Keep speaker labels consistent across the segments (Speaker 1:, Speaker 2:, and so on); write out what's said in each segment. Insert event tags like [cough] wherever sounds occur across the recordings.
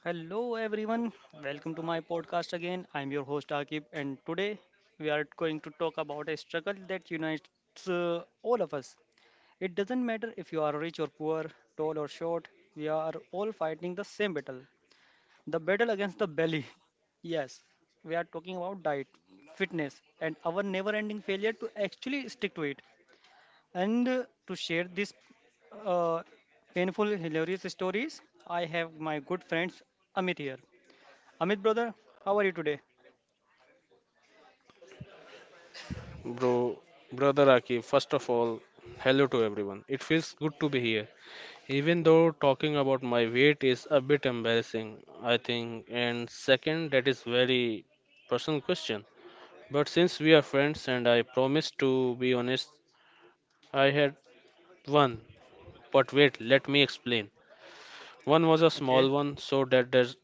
Speaker 1: Hello everyone, welcome to my podcast again. I'm your host Akib, and today we are going to talk about a struggle that unites all of us. It doesn't matter if you are rich or poor, tall or short, we are all fighting the same battle, the battle against the belly. [laughs] Yes, we are talking about diet, fitness, and our never ending failure to actually stick to it. And to share this uh, painful, hilarious stories, I have my good friends Amit here. Amit brother, how are you today?
Speaker 2: Bro, brother Aki, first of all, hello to everyone. It feels good to be here. Even though talking about my weight is a bit embarrassing, I think. And second, that is very personal question. But since we are friends and I promise to be honest, I had one. But wait, let me explain. One was a
Speaker 1: Okay.
Speaker 2: small one, so that does,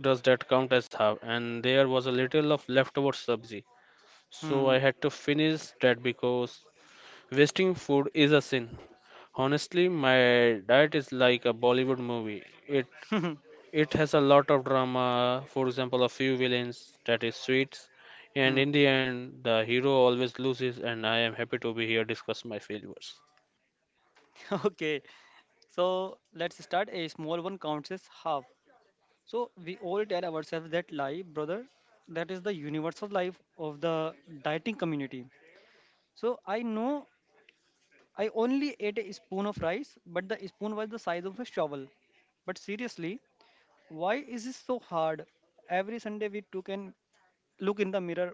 Speaker 2: does that count as half? And there was a little of leftover sabzi. So
Speaker 1: Hmm.
Speaker 2: I had to finish that because wasting food is a sin. Honestly, my diet is like a Bollywood movie. It
Speaker 1: [laughs]
Speaker 2: it has a lot of drama, for example, a few villains that is sweets, and
Speaker 1: Hmm.
Speaker 2: in the end the hero always loses and I am happy to be here discuss my failures.
Speaker 1: [laughs] Okay. So let's start. A small one counts as half. So we all tell ourselves that lie, brother. That is the universal life of the dieting community. So I know I only ate a spoon of rice, but the spoon was the size of a shovel. But seriously, why is this so hard? Every Sunday we took and look in the mirror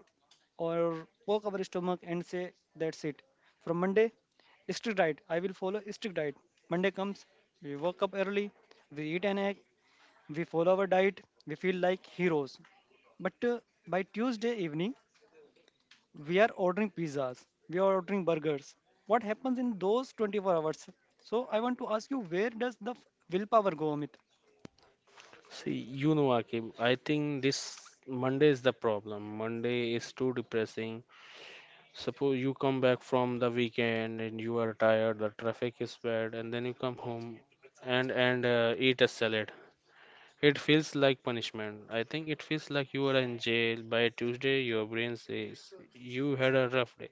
Speaker 1: or poke our stomach and say, that's it. From Monday, strict diet. I will follow strict diet. Monday comes, we wake up early, we eat an egg, we follow our diet, we feel like heroes. But by Tuesday evening, we are ordering pizzas, we are ordering burgers. What happens in those 24 hours? So I want to ask you, where does the willpower go, Amit?
Speaker 2: See, you know Akib. I think this Monday is the problem. Monday is too depressing. Suppose you come back from the weekend and you are tired, the traffic is bad, and then you come home and eat a salad. It feels like punishment. I think it feels like you are in jail. By Tuesday, your brain says you had a rough day.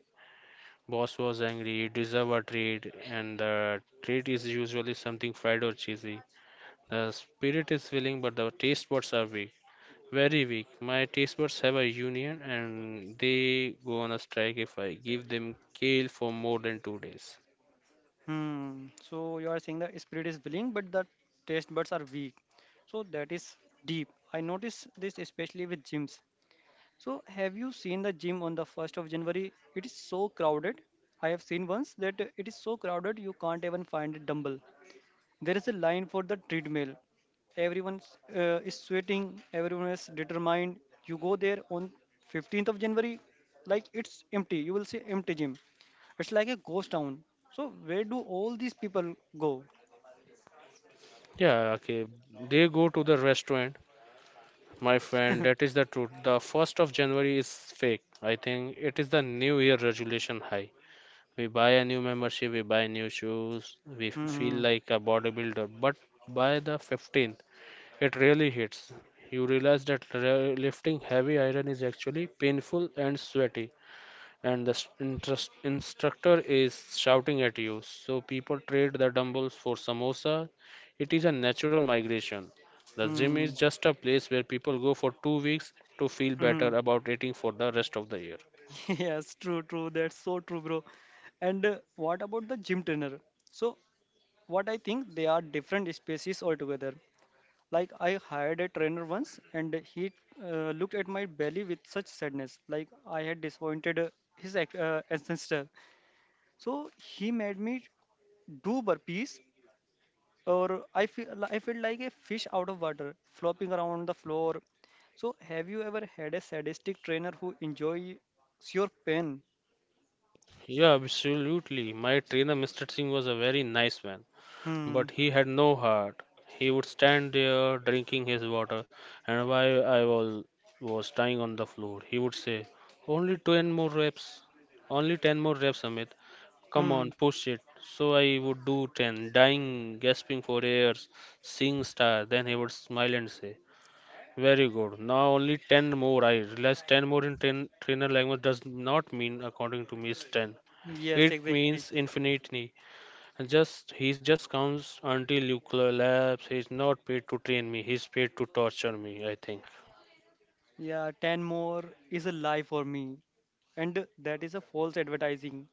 Speaker 2: Boss was angry, you deserve a treat, and the treat is usually something fried or cheesy. The spirit is willing, but the taste buds are weak. Very weak. My taste buds have a union and they go on a strike if I give them kale for more than 2 days.
Speaker 1: Hmm. So you are saying the spirit is willing, but the taste buds are weak. So that is deep. I notice this especially with gyms. So have you seen the gym on the 1st of January? It is so crowded. I have seen once that it is so crowded you can't even find a dumbbell. There is a line for the treadmill. Everyone is sweating, everyone is determined. You go there on 15th of January, like it's empty. You will see empty gym. It's like a ghost town. So where do all these people go?
Speaker 2: Yeah, okay. They go to the restaurant. My friend, that is the truth. The 1st of January is fake. I think it is the new year resolution high. We buy a new membership, we buy new shoes, we feel
Speaker 1: Mm-hmm.
Speaker 2: like a bodybuilder. But by the 15th, it really hits. You realize that lifting heavy iron is actually painful and sweaty and the instructor is shouting at you. So people trade the dumbbells for samosa. It is a natural migration. The gym
Speaker 1: Hmm.
Speaker 2: is just a place where people go for 2 weeks to feel
Speaker 1: Hmm.
Speaker 2: better about eating for the rest of the year.
Speaker 1: [laughs] Yes, true, true. That's so true, bro. And what about the gym trainer? So, what I think they are different species altogether. Like I hired a trainer once, and he looked at my belly with such sadness, like I had disappointed his ancestor. So he made me do burpees, or I feel like a fish out of water, flopping around the floor. So have you ever had a sadistic trainer who enjoys your pain?
Speaker 2: Yeah, absolutely. My trainer, Mr. Singh, was a very nice man, but
Speaker 1: Hmm.
Speaker 2: he had no heart. He would stand there drinking his water, and while was dying on the floor, he would say, "Only 10 more reps, only 10 more reps, Amit. Come
Speaker 1: Hmm.
Speaker 2: on, push it." So I would do ten, dying, gasping for air, seeing star. Then he would smile and say, "Very good. Now only ten more." I realize ten more in trainer language does not mean according to me is ten.
Speaker 1: Yes,
Speaker 2: It
Speaker 1: exactly.
Speaker 2: means infinity. Just he just counts until you collapse. He's not paid to train me. He's paid to torture me, I think.
Speaker 1: Yeah, 10 more is a lie for me. And that is a false advertising.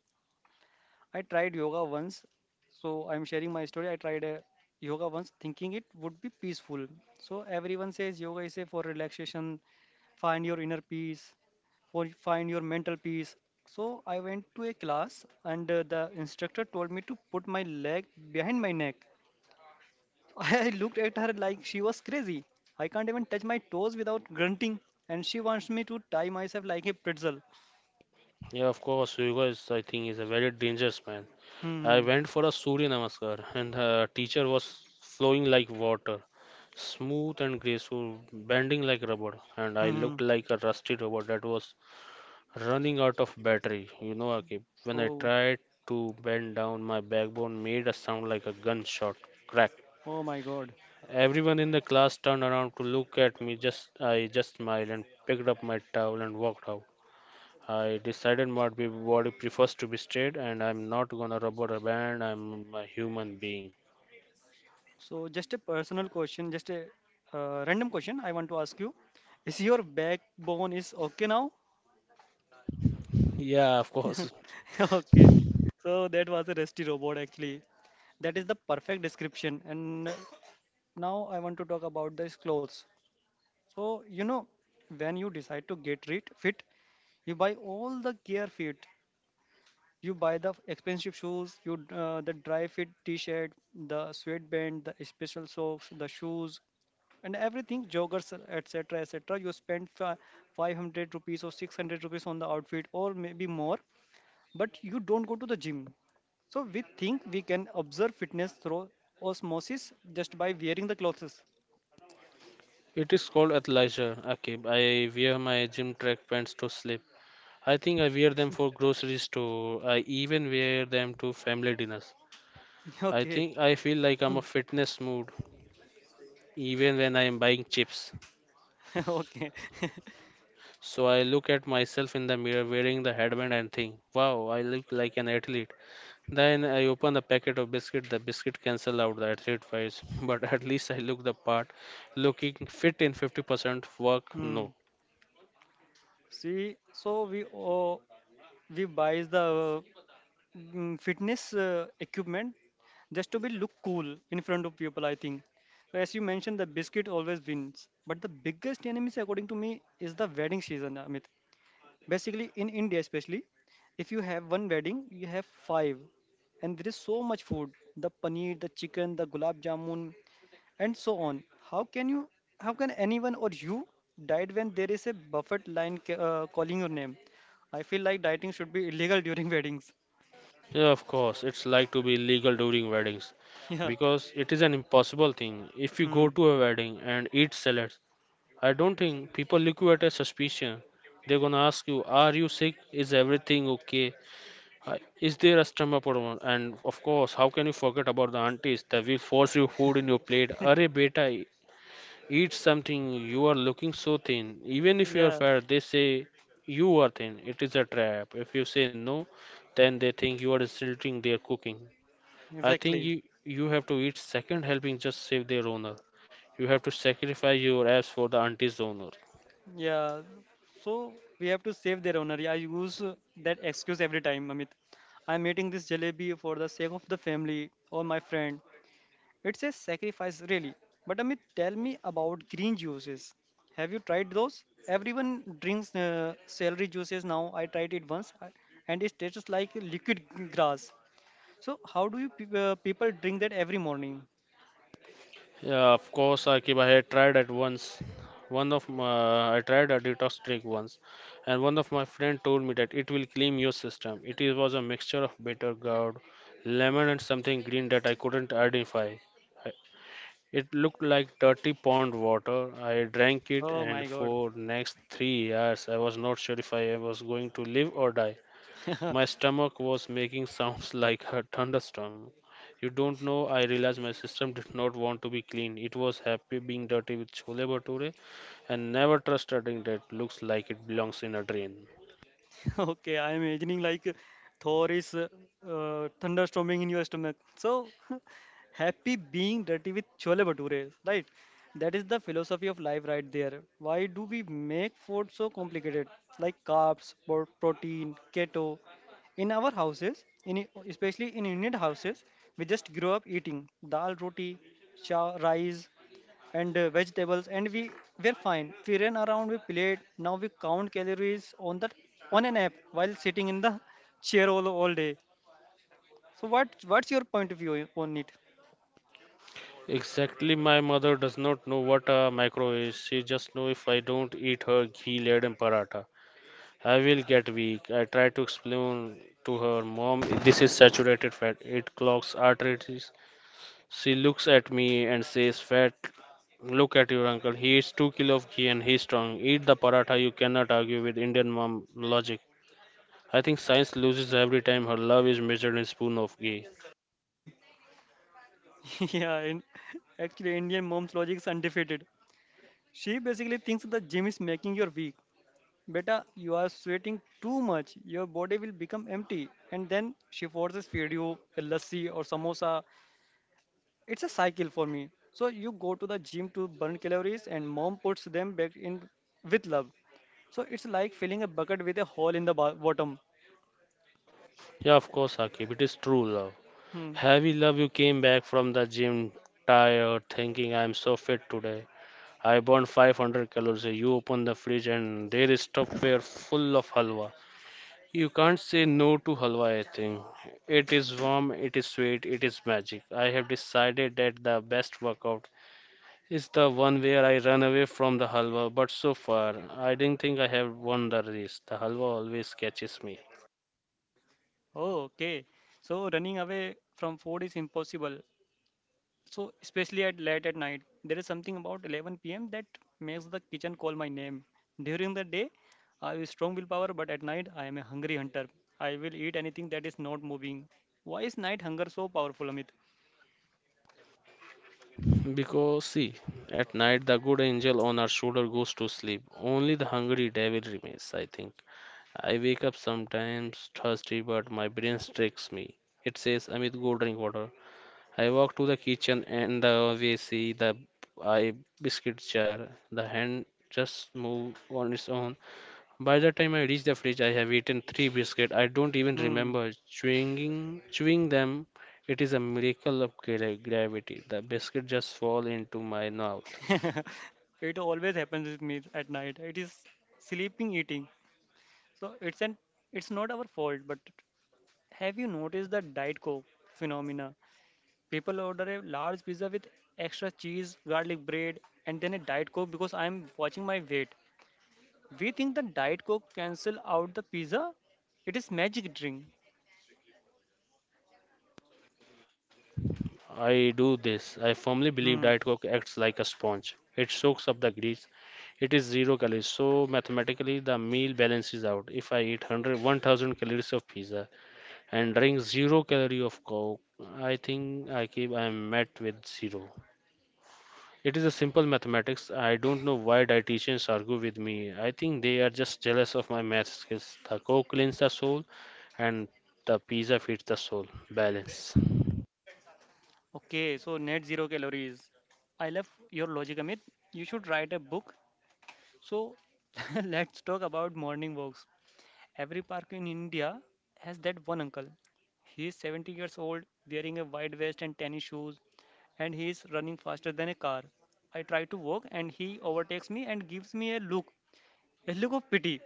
Speaker 1: I tried yoga once, so I'm sharing my story. I tried yoga once, thinking it would be peaceful. So everyone says yoga is a for relaxation, find your inner peace, for find your mental peace. So I went to a class, and the instructor told me to put my leg behind my neck. [laughs] I looked at her like she was crazy. I can't even touch my toes without grunting, and she wants me to tie myself like a pretzel.
Speaker 2: Yeah, of course, yoga is, I think, is a very dangerous man. I
Speaker 1: Hmm.
Speaker 2: went for a Surya Namaskar, and the teacher was flowing like water, smooth and graceful, bending like rubber, and
Speaker 1: Hmm.
Speaker 2: I
Speaker 1: Hmm.
Speaker 2: looked like a rusty robot that was running out of battery. You know, Akib, when I
Speaker 1: Oh.
Speaker 2: tried to bend down, my backbone made a sound like a gunshot crack.
Speaker 1: Oh my God.
Speaker 2: Everyone in the class turned around to look at me. Just I just smiled and picked up my towel and walked out. I decided my body prefers to be straight, and I'm not gonna rubber a band. I'm a human being.
Speaker 1: So, just a personal question, just a random question I want to ask you. Is your backbone is okay now?
Speaker 2: Yeah, of course.
Speaker 1: [laughs] Okay. So that was a rusty robot actually. That is the perfect description. And now I want to talk about these clothes. So you know, when you decide to get rid fit, you buy all the gear fit. You buy the expensive shoes, you the dry fit T-shirt, the sweatband, the special socks, the shoes, and everything, joggers, etc, etc. You spend 500 rupees or 600 rupees on the outfit, or maybe more. But you don't go to the gym, so we think we can observe fitness through osmosis just by wearing the clothes.
Speaker 2: It is called athleisure. Okay, I wear my gym track pants to sleep. I think I wear them for grocery store. I even wear them to family dinners.
Speaker 1: [laughs]
Speaker 2: I
Speaker 1: Okay.
Speaker 2: think I feel like I'm
Speaker 1: Hmm.
Speaker 2: a fitness mood even when I am buying chips.
Speaker 1: [laughs] Okay. [laughs]
Speaker 2: So I look at myself in the mirror wearing the headband and think, wow, I look like an athlete. Then I opened the packet of biscuit. The biscuit cancelled out the athlete fights, [laughs] but at least I looked the part, looking fit in 50% work. No,
Speaker 1: Hmm. See, so we buys the fitness equipment just to be look cool in front of people, I think. So as you mentioned, the biscuit always wins, but the biggest enemies according to me is the wedding season, Amit. Basically, in India especially, if you have one wedding, you have five. And there is so much food, the paneer, the chicken, the gulab jamun, and so on. How can you how can anyone, or you, diet when there is a buffet line calling your name? I feel like dieting should be illegal during weddings.
Speaker 2: yeah, of course, it's like to be legal during weddings
Speaker 1: [laughs] Yeah.
Speaker 2: because it is an impossible thing. If you go
Speaker 1: Hmm.
Speaker 2: to a wedding and eat salads, I don't think people look you at a suspicion. They're gonna ask you, "Are you sick? Is everything okay? Uh, Is there a stomach problem?" And of course, how can you forget about the aunties that will force you food in your plate? Arre beta, eat something, you are looking so thin. Even if you are
Speaker 1: Yeah,
Speaker 2: fat, they say you are thin. It is a trap. If you say no, then they think you are insulting their cooking. I think
Speaker 1: exactly.
Speaker 2: you have to eat second helping just save their honor. You have to sacrifice your abs for the auntie's honor.
Speaker 1: Yeah. So we have to save their honor. Yeah, I use that excuse every time, Amit. I'm eating this jalebi for the sake of the family or my friend. It's a sacrifice, really. But Amit, tell me about green juices. Have you tried those? Everyone drinks celery juices now. I tried it once, and it tastes like liquid grass. So how do you people drink that every morning?
Speaker 2: Yeah, of course, Akib, I had tried at once. I tried a detox drink once, and one of my friend told me that it will clean your system. Was a mixture of bitter gourd, lemon, and something green that I couldn't identify. I- It looked like dirty pond water. I drank it,
Speaker 1: Oh my
Speaker 2: and
Speaker 1: God.
Speaker 2: for next 3 years, I was not sure if I was going to live or die. My
Speaker 1: [laughs]
Speaker 2: stomach was making sounds [laughs] like a thunderstorm. You don't know, I realized my system did not want to be clean. It was happy being dirty with chole bhature and never trust a thing that looks like it belongs in a drain.
Speaker 1: [laughs] Okay, I'm imagining like Thor is thunderstorming in your stomach. So [laughs] happy being dirty with chole bhature, right? That is the philosophy of life right there. Why do we make food so complicated? Like carbs, protein, keto. In our houses, in especially in Indian houses, we just grow up eating dal roti, cha rice, and vegetables, and we were fine. We ran around, we played. Now we count calories on the on an app while sitting in the chair all day. So what's your point of view on it?
Speaker 2: Exactly, my mother does not know what a micro is. She just knows if I don't eat her ghee laden paratha, I will get weak. I try to explain to her, "Mom, this is saturated fat. It clogs arteries." She looks at me and says, "Fat, look at your uncle. He eats 2 kilo of ghee and he's strong. Eat the paratha." You cannot argue with Indian mom logic. I think science loses every time her love is measured in spoon of ghee.
Speaker 1: [laughs] Yeah, actually Indian mom's logic is undefeated. She basically thinks the gym is making you weak. Beta, you are sweating too much. Your body will become empty. And then she forces feed you a lassi or samosa. It's a cycle for me. So you go to the gym to burn calories, and mom puts them back in with love. So it's like filling a bucket with a hole in the bottom.
Speaker 2: Yeah, of course, Akib. It is true love.
Speaker 1: Hmm.
Speaker 2: Heavy love, you came back from the gym tired, thinking I'm so fit today. I burned 500 calories. You open the fridge and there is stuffware full of halwa. You can't say no to halwa, I think. It is warm, it is sweet, it is magic. I have decided that the best workout is the one where I run away from the halwa, but so far, I didn't think I have won the race. The halwa always catches me.
Speaker 1: Oh, okay, so running away from food is impossible. So especially at late at night, there is something about 11 p.m that makes the kitchen call my name. During the day, I have strong willpower, but at night, I am a hungry hunter. I will eat anything that is not moving. Why is night hunger so powerful, Amit?
Speaker 2: Because, see, at night the good angel on our shoulder goes to sleep. Only the hungry devil remains, I think. I wake up sometimes thirsty, but my brain tricks me. It says, "Amit, go drink water." I walk to the kitchen and the we see the I biscuit jar. The hand just move on its own. By the time I reach the fridge, I have eaten three biscuits. I don't even
Speaker 1: Hmm.
Speaker 2: remember chewing them. It is a miracle of gravity. The biscuit just fall into my mouth.
Speaker 1: [laughs] It always happens with me at night. It is sleeping, eating. So it's an it's not our fault. But have you noticed the diet coke phenomena? People order a large pizza with extra cheese, garlic bread, and then a diet coke because I am watching my weight. We think the diet coke cancel out the pizza. It is magic drink.
Speaker 2: I do this. I firmly believe
Speaker 1: Hmm.
Speaker 2: Diet Coke acts like a sponge. It soaks up the grease. It is zero calories, so mathematically the meal balances out. If I eat 1,000 calories of pizza, and drink zero calorie of coke, I think I am met with zero. It is a simple mathematics. I don't know why dietitians argue with me. I think they are just jealous of my math skills. The coke cleans the soul and the pizza feeds the soul. Balance.
Speaker 1: Okay, so net zero calories. I love your logic, Amit. You should write a book. So [laughs] let's talk about morning walks. Every park in India has that one uncle. He is 70 years old, wearing a wide vest and tennis shoes, and he is running faster than a car. I try to walk, and he overtakes me and gives me a look of pity.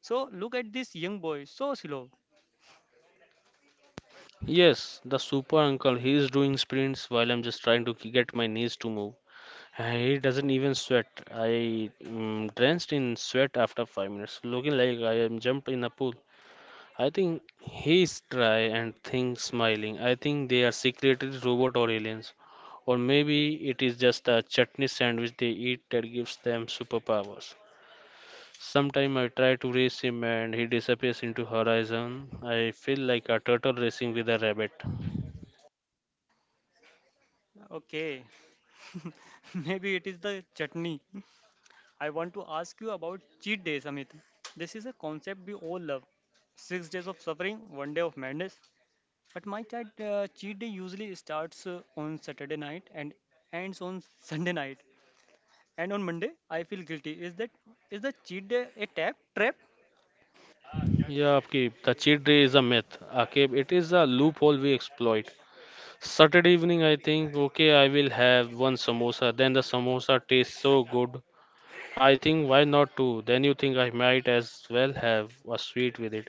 Speaker 1: So look at this young boy, so slow.
Speaker 2: Yes, the super uncle, he is doing sprints while I'm just trying to get my knees to move. He doesn't even sweat. I drenched in sweat after 5 minutes, looking like I am jumped in a pool. I think he's dry and think smiling. I think they are secretly robot or aliens. Or maybe it is just a chutney sandwich they eat that gives them superpowers. Sometime I try to race him and he disappears into horizon. I feel like a turtle racing with a rabbit.
Speaker 1: Okay, [laughs] maybe it is the chutney. I want to ask you about cheat days, Amit. This is a concept we all love. 6 days of suffering, one day of madness. But my child cheat day usually starts on Saturday night and ends on Sunday night. And on Monday, I feel guilty. Is the cheat day a tap trap?
Speaker 2: Yeah, Aapki, the cheat day is a myth. Akib, it is a loophole we exploit. Saturday evening, I think, okay, I will have one samosa. Then the samosa tastes so good I think why not too? Then you think I might as well have a sweet with it.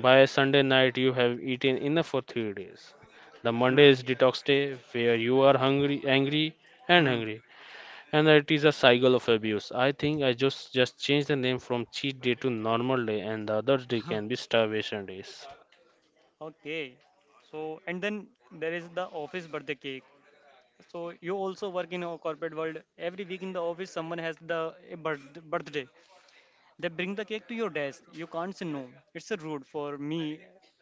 Speaker 2: By Sunday night, you have eaten enough for 3 days. The Monday is
Speaker 1: Hmm.
Speaker 2: detox day where you are hungry, angry, and
Speaker 1: Hmm.
Speaker 2: hungry, and it is a cycle of abuse. I think I just changed the name from cheat day to normal day, and the other day can
Speaker 1: [laughs]
Speaker 2: be starvation days.
Speaker 1: Okay. So and then there is the office birthday cake. So you also work in a corporate world. Every week in the office, someone has the a birth, birthday. They bring the cake to your desk. You can't say no. It's a rude for me,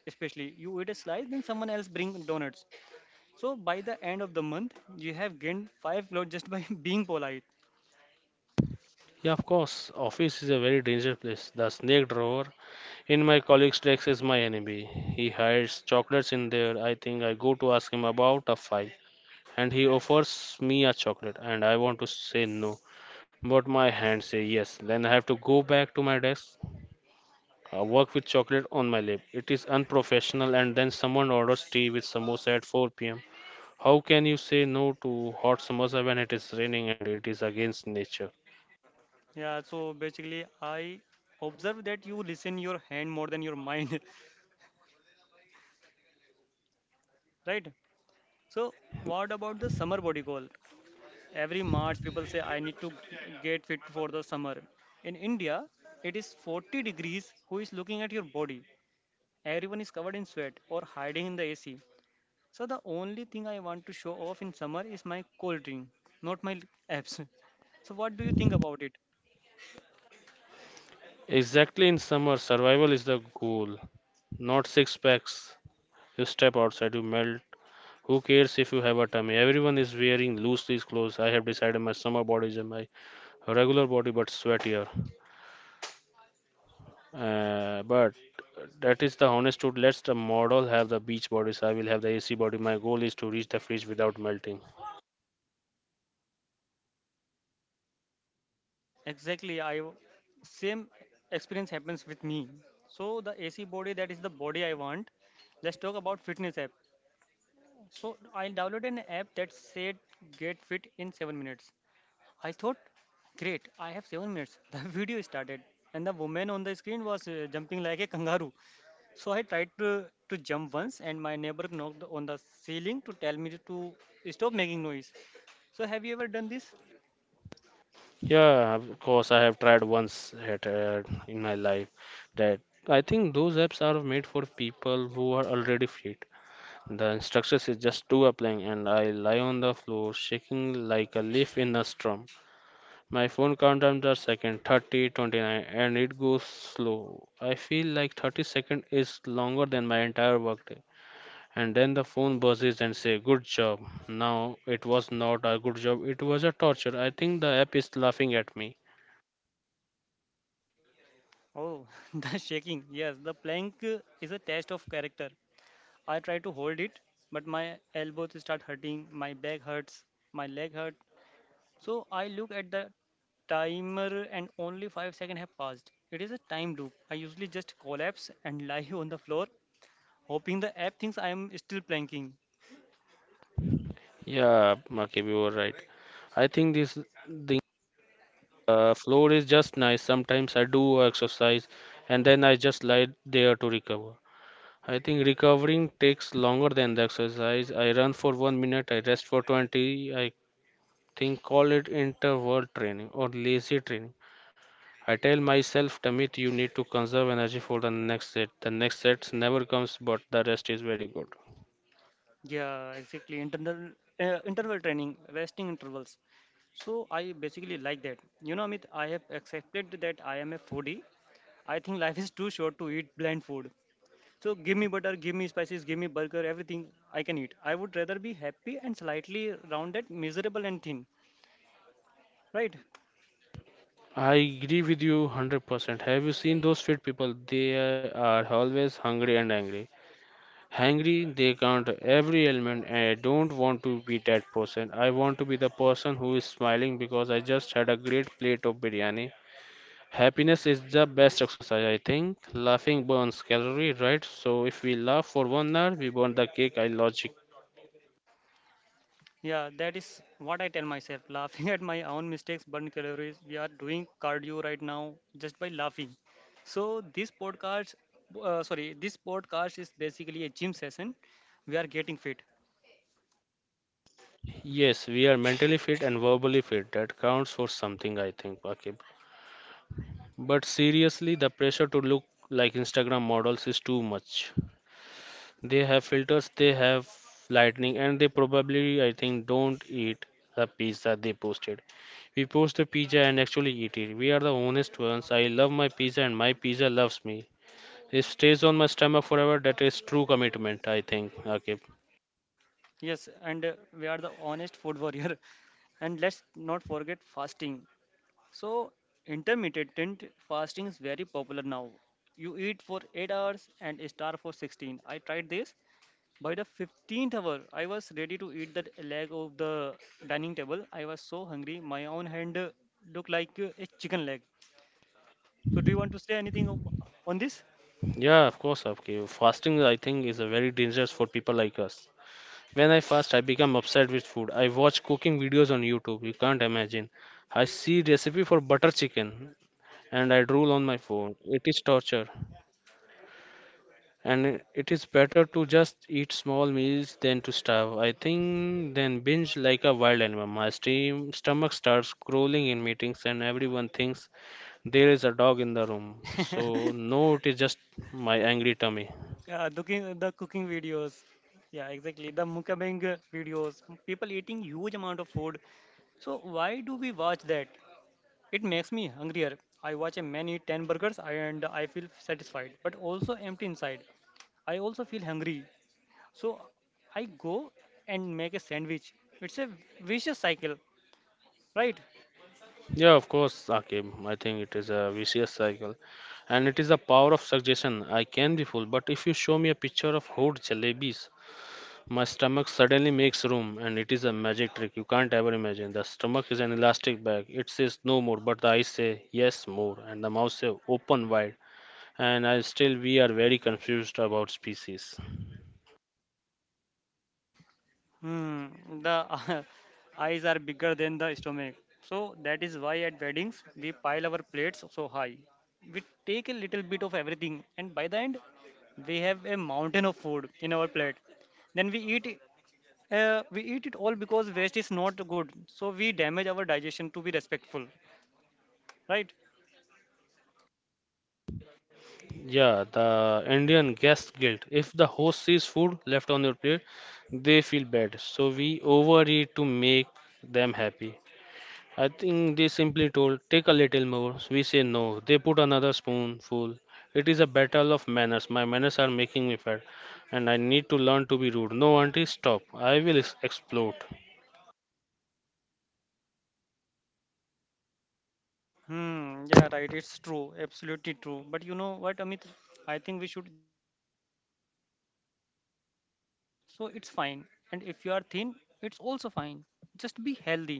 Speaker 1: especially. You eat a slice, then someone else bring donuts. So by the end of the month, you have gained five load just by [laughs] being polite.
Speaker 2: Yeah, of course, office is a very dangerous place. The snake drawer in my colleague's desk is my enemy. He hides chocolates in there. I think I go to ask him about a file, and he offers me a chocolate and I want to say no, but my hand say yes. Then I have to go back to my desk, work with chocolate on my lip. It is unprofessional, and then someone orders tea with samosa at 4 p.m. How can you say no to hot samosa when it is raining and it is against nature?
Speaker 1: Yeah. So basically, I observe that you listen your hand more than your mind, [laughs] right? So what about the summer body goal? Every March, people say I need to get fit for the summer. In India, it is 40 degrees. Who is looking at your body? Everyone is covered in sweat or hiding in the AC. So the only thing I want to show off in summer is my cold drink, not my abs. [laughs] So what do you think about it?
Speaker 2: Exactly, in summer survival is the goal, not six packs. You step outside, you melt. Who cares if you have a tummy? Everyone is wearing loose these clothes. I have decided my summer body is my regular body but sweatier. But that is the honest truth. Let's the model have the beach bodies. I will have the AC body. My goal is to reach the fridge without melting.
Speaker 1: Exactly, same experience happens with me. So the AC body that is the body I want. Let's talk about fitness app. So I downloaded an app that said get fit in 7 minutes. I thought great, I have 7 minutes. [laughs] The video started and the woman on the screen was jumping like a kangaroo. So I tried to jump once and my neighbor knocked on the ceiling to tell me to stop making noise. So have you ever done this?
Speaker 2: Yeah, of course, I have tried once at, in my life that I think those apps are made for people who are already fit. The instructions is just too applying, and I lie on the floor shaking like a leaf in a storm. My phone countdown the second 30:29, and it goes slow. I feel like 30 seconds is longer than my entire workday. And then the phone buzzes and say, "Good job." Now it was not a good job. It was a torture. I think the app is laughing at me.
Speaker 1: Oh, [laughs] the shaking. Yes, the plank is a test of character. I try to hold it, but my elbows start hurting, my back hurts, my leg hurt. So I look at the timer and only 5 seconds have passed. It is a time loop. I usually just collapse and lie [laughs] on the floor, hoping the app thinks I am still planking.
Speaker 2: Yeah, Makib, you were right. I think this thing, floor is just nice. Sometimes I do exercise, and then I just lie there to recover. I think recovering takes longer than the exercise. I run for 1 minute, I rest for 20. I think call it interval training or lazy training. I tell myself, Tamit, you need to conserve energy for the next set. The next set never comes, but the rest is very good.
Speaker 1: Yeah, exactly. Internal Interval training, resting intervals. So I basically like that. You know, Amit, I have accepted that I am a foodie. I think life is too short to eat bland food. So give me butter, give me spices, give me burger, everything I can eat. I would rather be happy and slightly rounded, miserable and thin. Right?
Speaker 2: I agree with you 100%. Have you seen those fit people? They are always hungry and angry. Hungry, they count every element, and I don't want to be that person. I want to be the person who is smiling because I just had a great plate of biryani. Happiness is the best exercise, I think. Laughing burns calorie, right? So if we laugh for 1 hour, we burn the cake. I logic.
Speaker 1: Yeah, that is what I tell myself. [laughs] Laughing at my own mistakes burn calories. We are doing cardio right now just by laughing. So this podcast is basically a gym session. We are getting fit.
Speaker 2: Yes, we are mentally fit and verbally fit. That counts for something, I think, Akib. But seriously, the pressure to look like Instagram models is too much. They have filters, they have lightning, and they probably, I think, don't eat the pizza they posted. We post the pizza and actually eat it. We are the honest ones. I love my pizza and my pizza loves me. It stays on my stomach forever. That is true commitment, I think. Okay.
Speaker 1: Yes, and we are the honest food warrior. [laughs] And let's not forget fasting. So, intermittent fasting is very popular now. You eat for 8 hours and starve for 16. I tried this. By the 15th hour, I was ready to eat the leg of the dining table. I was so hungry. My own hand looked like a chicken leg. So, do you want to say anything on this?
Speaker 2: Yeah, of course, okay. Fasting, I think, is a very dangerous for people like us. When I fast, I become obsessed with food. I watch cooking videos on YouTube. You can't imagine. I see recipe for butter chicken and I drool on my phone. It is torture. And it is better to just eat small meals than to starve, I think, than binge like a wild animal. My stomach starts growling in meetings, and everyone thinks there is a dog in the room. So no, it is just my angry tummy.
Speaker 1: Yeah, looking the cooking videos. Yeah, exactly. The mukbang videos. People eating huge amount of food. So why do we watch that? It makes me hungrier. I watch a man eat 10 burgers and I feel satisfied, but also empty inside. I also feel hungry. So I go and make a sandwich. It's a vicious cycle, right?
Speaker 2: Yeah, of course, Akib. I think it is a vicious cycle, and it is the power of suggestion. I can be full, but if you show me a picture of hot jalebis, my stomach suddenly makes room, and it is a magic trick you can't ever imagine. The stomach is an elastic bag. It says no more, but the eyes say yes more, and the mouth say open wide. And I still we are very confused about species.
Speaker 1: Hmm, the [laughs] eyes are bigger than the stomach. So that is why at weddings we pile our plates so high. We take a little bit of everything, and by the end, we have a mountain of food in our plate. Then we eat it all because waste is not good, so we damage our digestion to be respectful, right?
Speaker 2: Yeah, the Indian guest guilt. If the host sees food left on your plate, they feel bad. So we overeat to make them happy. I think they simply told, take a little more. We say no. They put another spoonful. It is a battle of manners. My manners are making me fat, and I need to learn to be rude. No, auntie, stop. I will explode.
Speaker 1: Hmm, yeah, right, it's true, absolutely true. But you know what, Amit, I think we should just accept our bodies. If you are so it's fine, and if you are thin, it's also fine. Just be healthy.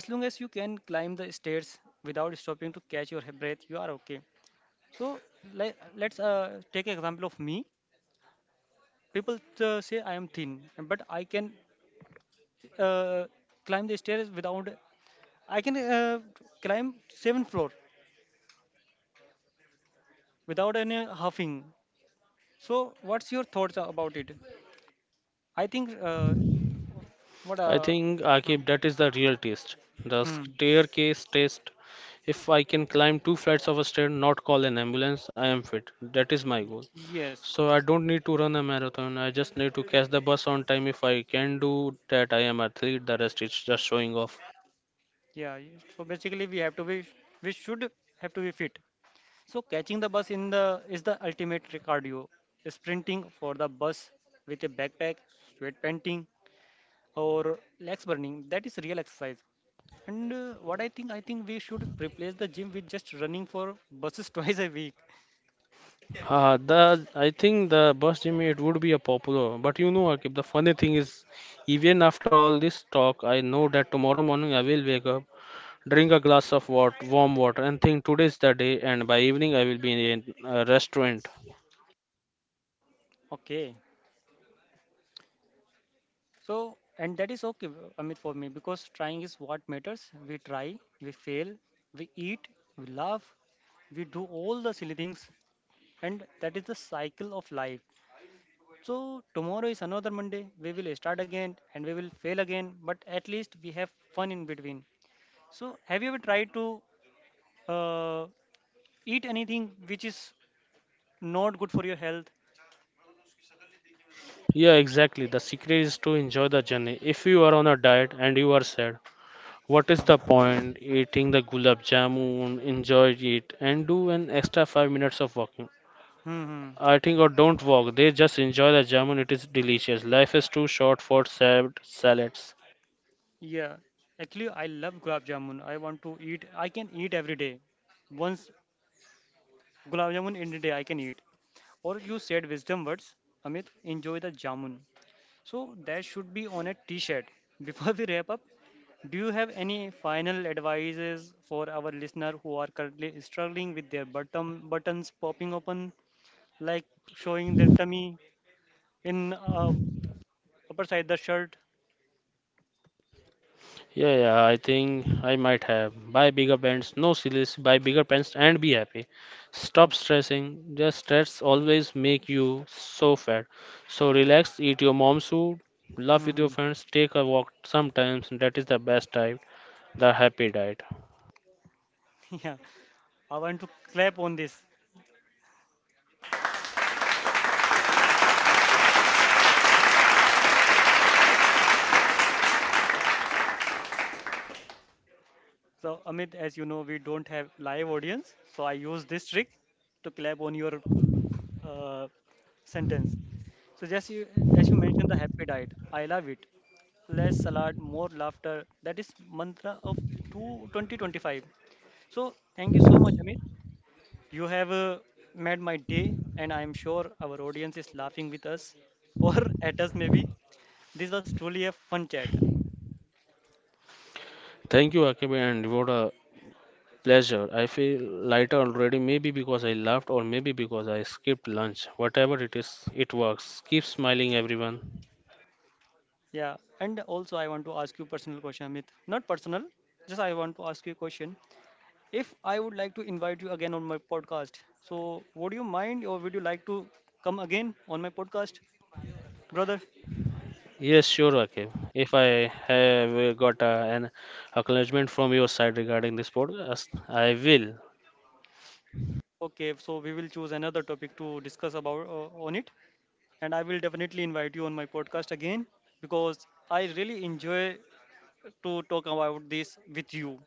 Speaker 1: As long as you can climb the stairs without stopping to catch your breath, you are okay. So let's take example of me. People say I am thin, but I can uh, climb the stairs without. I can climb seventh floor without any huffing. So what's your thoughts about it? I think what
Speaker 2: I think,
Speaker 1: Hmm.
Speaker 2: Akib, that is the real test. The
Speaker 1: Hmm.
Speaker 2: staircase test. If I can climb two flights of a stair, not call an ambulance, I am fit. That is my goal.
Speaker 1: Yes.
Speaker 2: So I don't need to run a marathon. I just need to catch the bus on time. If I can do that, I am athlete. The rest is just showing off.
Speaker 1: So basically we have to be, we should have to be fit. So catching the bus in the is the ultimate cardio. Sprinting for the bus with a backpack, sweat panting, or legs burning, that is real exercise. And I think we should replace the gym with just running for buses [laughs] twice a week.
Speaker 2: The I think the bus Jimmy it would be a popular, but you know, Akib, the funny thing is, even after all this talk, I know that tomorrow morning I will wake up, drink a glass of wat warm water, and think today's the day, and by evening I will be in a restaurant.
Speaker 1: Okay. So, and that is okay, Amit, for me because trying is what matters. We try, we fail, we eat, we laugh, we do all the silly things, and that is the cycle of life. So, tomorrow is another Monday. We will start again and we will fail again, but at least we have fun in between. So, have you ever tried to uh, eat anything which is not good for your health?
Speaker 2: Yeah, exactly. The secret is to enjoy the journey. If you are on a diet and you are sad, what is the point? Eating the gulab jamun, enjoy it, and do an extra 5 minutes of walking.
Speaker 1: Hmm. Hmm.
Speaker 2: I think or don't walk. They just enjoy the German. It is delicious. Life is too short for sad salads.
Speaker 1: Yeah. Actually, I love gulab jamun. I want to eat. I can eat every day. Once gulab jamun in a day, I can eat. Or you said wisdom words, Amit. Enjoy the jamun. So that should be on a T-shirt. [laughs] Before we wrap up, do you have any final advices for our listener who are currently struggling with their bottom buttons popping open, like showing their tummy in upper side the shirt?
Speaker 2: Yeah, yeah, I think I might have. Buy bigger pants, no sillies, buy bigger pants and be happy.
Speaker 1: Uh,
Speaker 2: Stop stressing. Just stress always make you so fat. So relax, eat your mom's food, laugh with your
Speaker 1: hmm.
Speaker 2: friends, take a walk sometimes. That is the best diet, the happy diet.
Speaker 1: [laughs] Yeah. I want to clap on this. So, Amit, as you know, we don't have live audience. So, I use this trick to clap on your uh, sentence. So, just you, as you mentioned, the happy diet. I love it. Less salad, more laughter. That is mantra of 2025. So, thank you so much, Amit. You have made my day, and I am sure our audience is laughing with us [laughs] or at us, maybe. This was truly a fun chat.
Speaker 2: Thank you, Akib, and what a pleasure. I feel lighter already, maybe because I laughed or maybe because I skipped lunch. Whatever it is, it works. Keep smiling, everyone.
Speaker 1: Yeah, and also I want to ask you personal question, Amit. Not personal, just I want to ask you a question. If I would like to invite you again on my podcast, so would you mind or would you like to come again on my podcast, brother?
Speaker 2: Yes, sure, Akib. If I have got an acknowledgement from your side regarding this podcast, I will.
Speaker 1: Okay, so we will choose another topic to discuss about on it, and I will definitely invite you on my podcast again because I really enjoy to talk about this with you.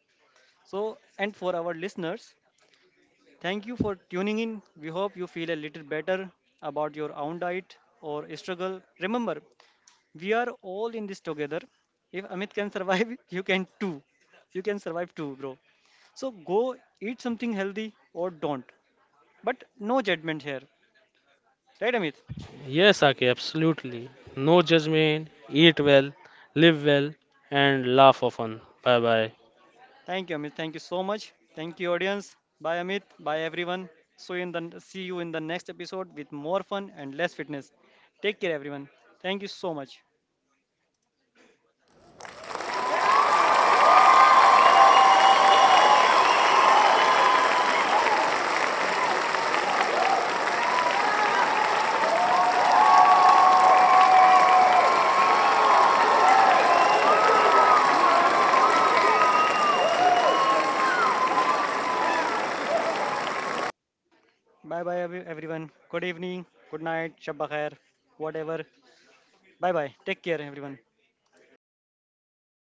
Speaker 1: So, and for our listeners, thank you for tuning in. We hope you feel a little better about your own diet or struggle. Remember, we are all in this together. If Amit can survive, [laughs] you can too. You can survive too, bro. So go eat something healthy or don't. But no judgment here. Right, Amit?
Speaker 2: Yes, Akib, absolutely. No judgment, eat well, live well, and laugh often. Bye bye.
Speaker 1: Thank you, Amit. Thank you so much. Thank you, audience. Bye, Amit. Bye, everyone. So in the see you in the next episode with more fun and less fitness. Take care, everyone. Thank you so much. Bye bye everyone. Good evening, good night, shabba khair, whatever. Bye bye. Take care everyone.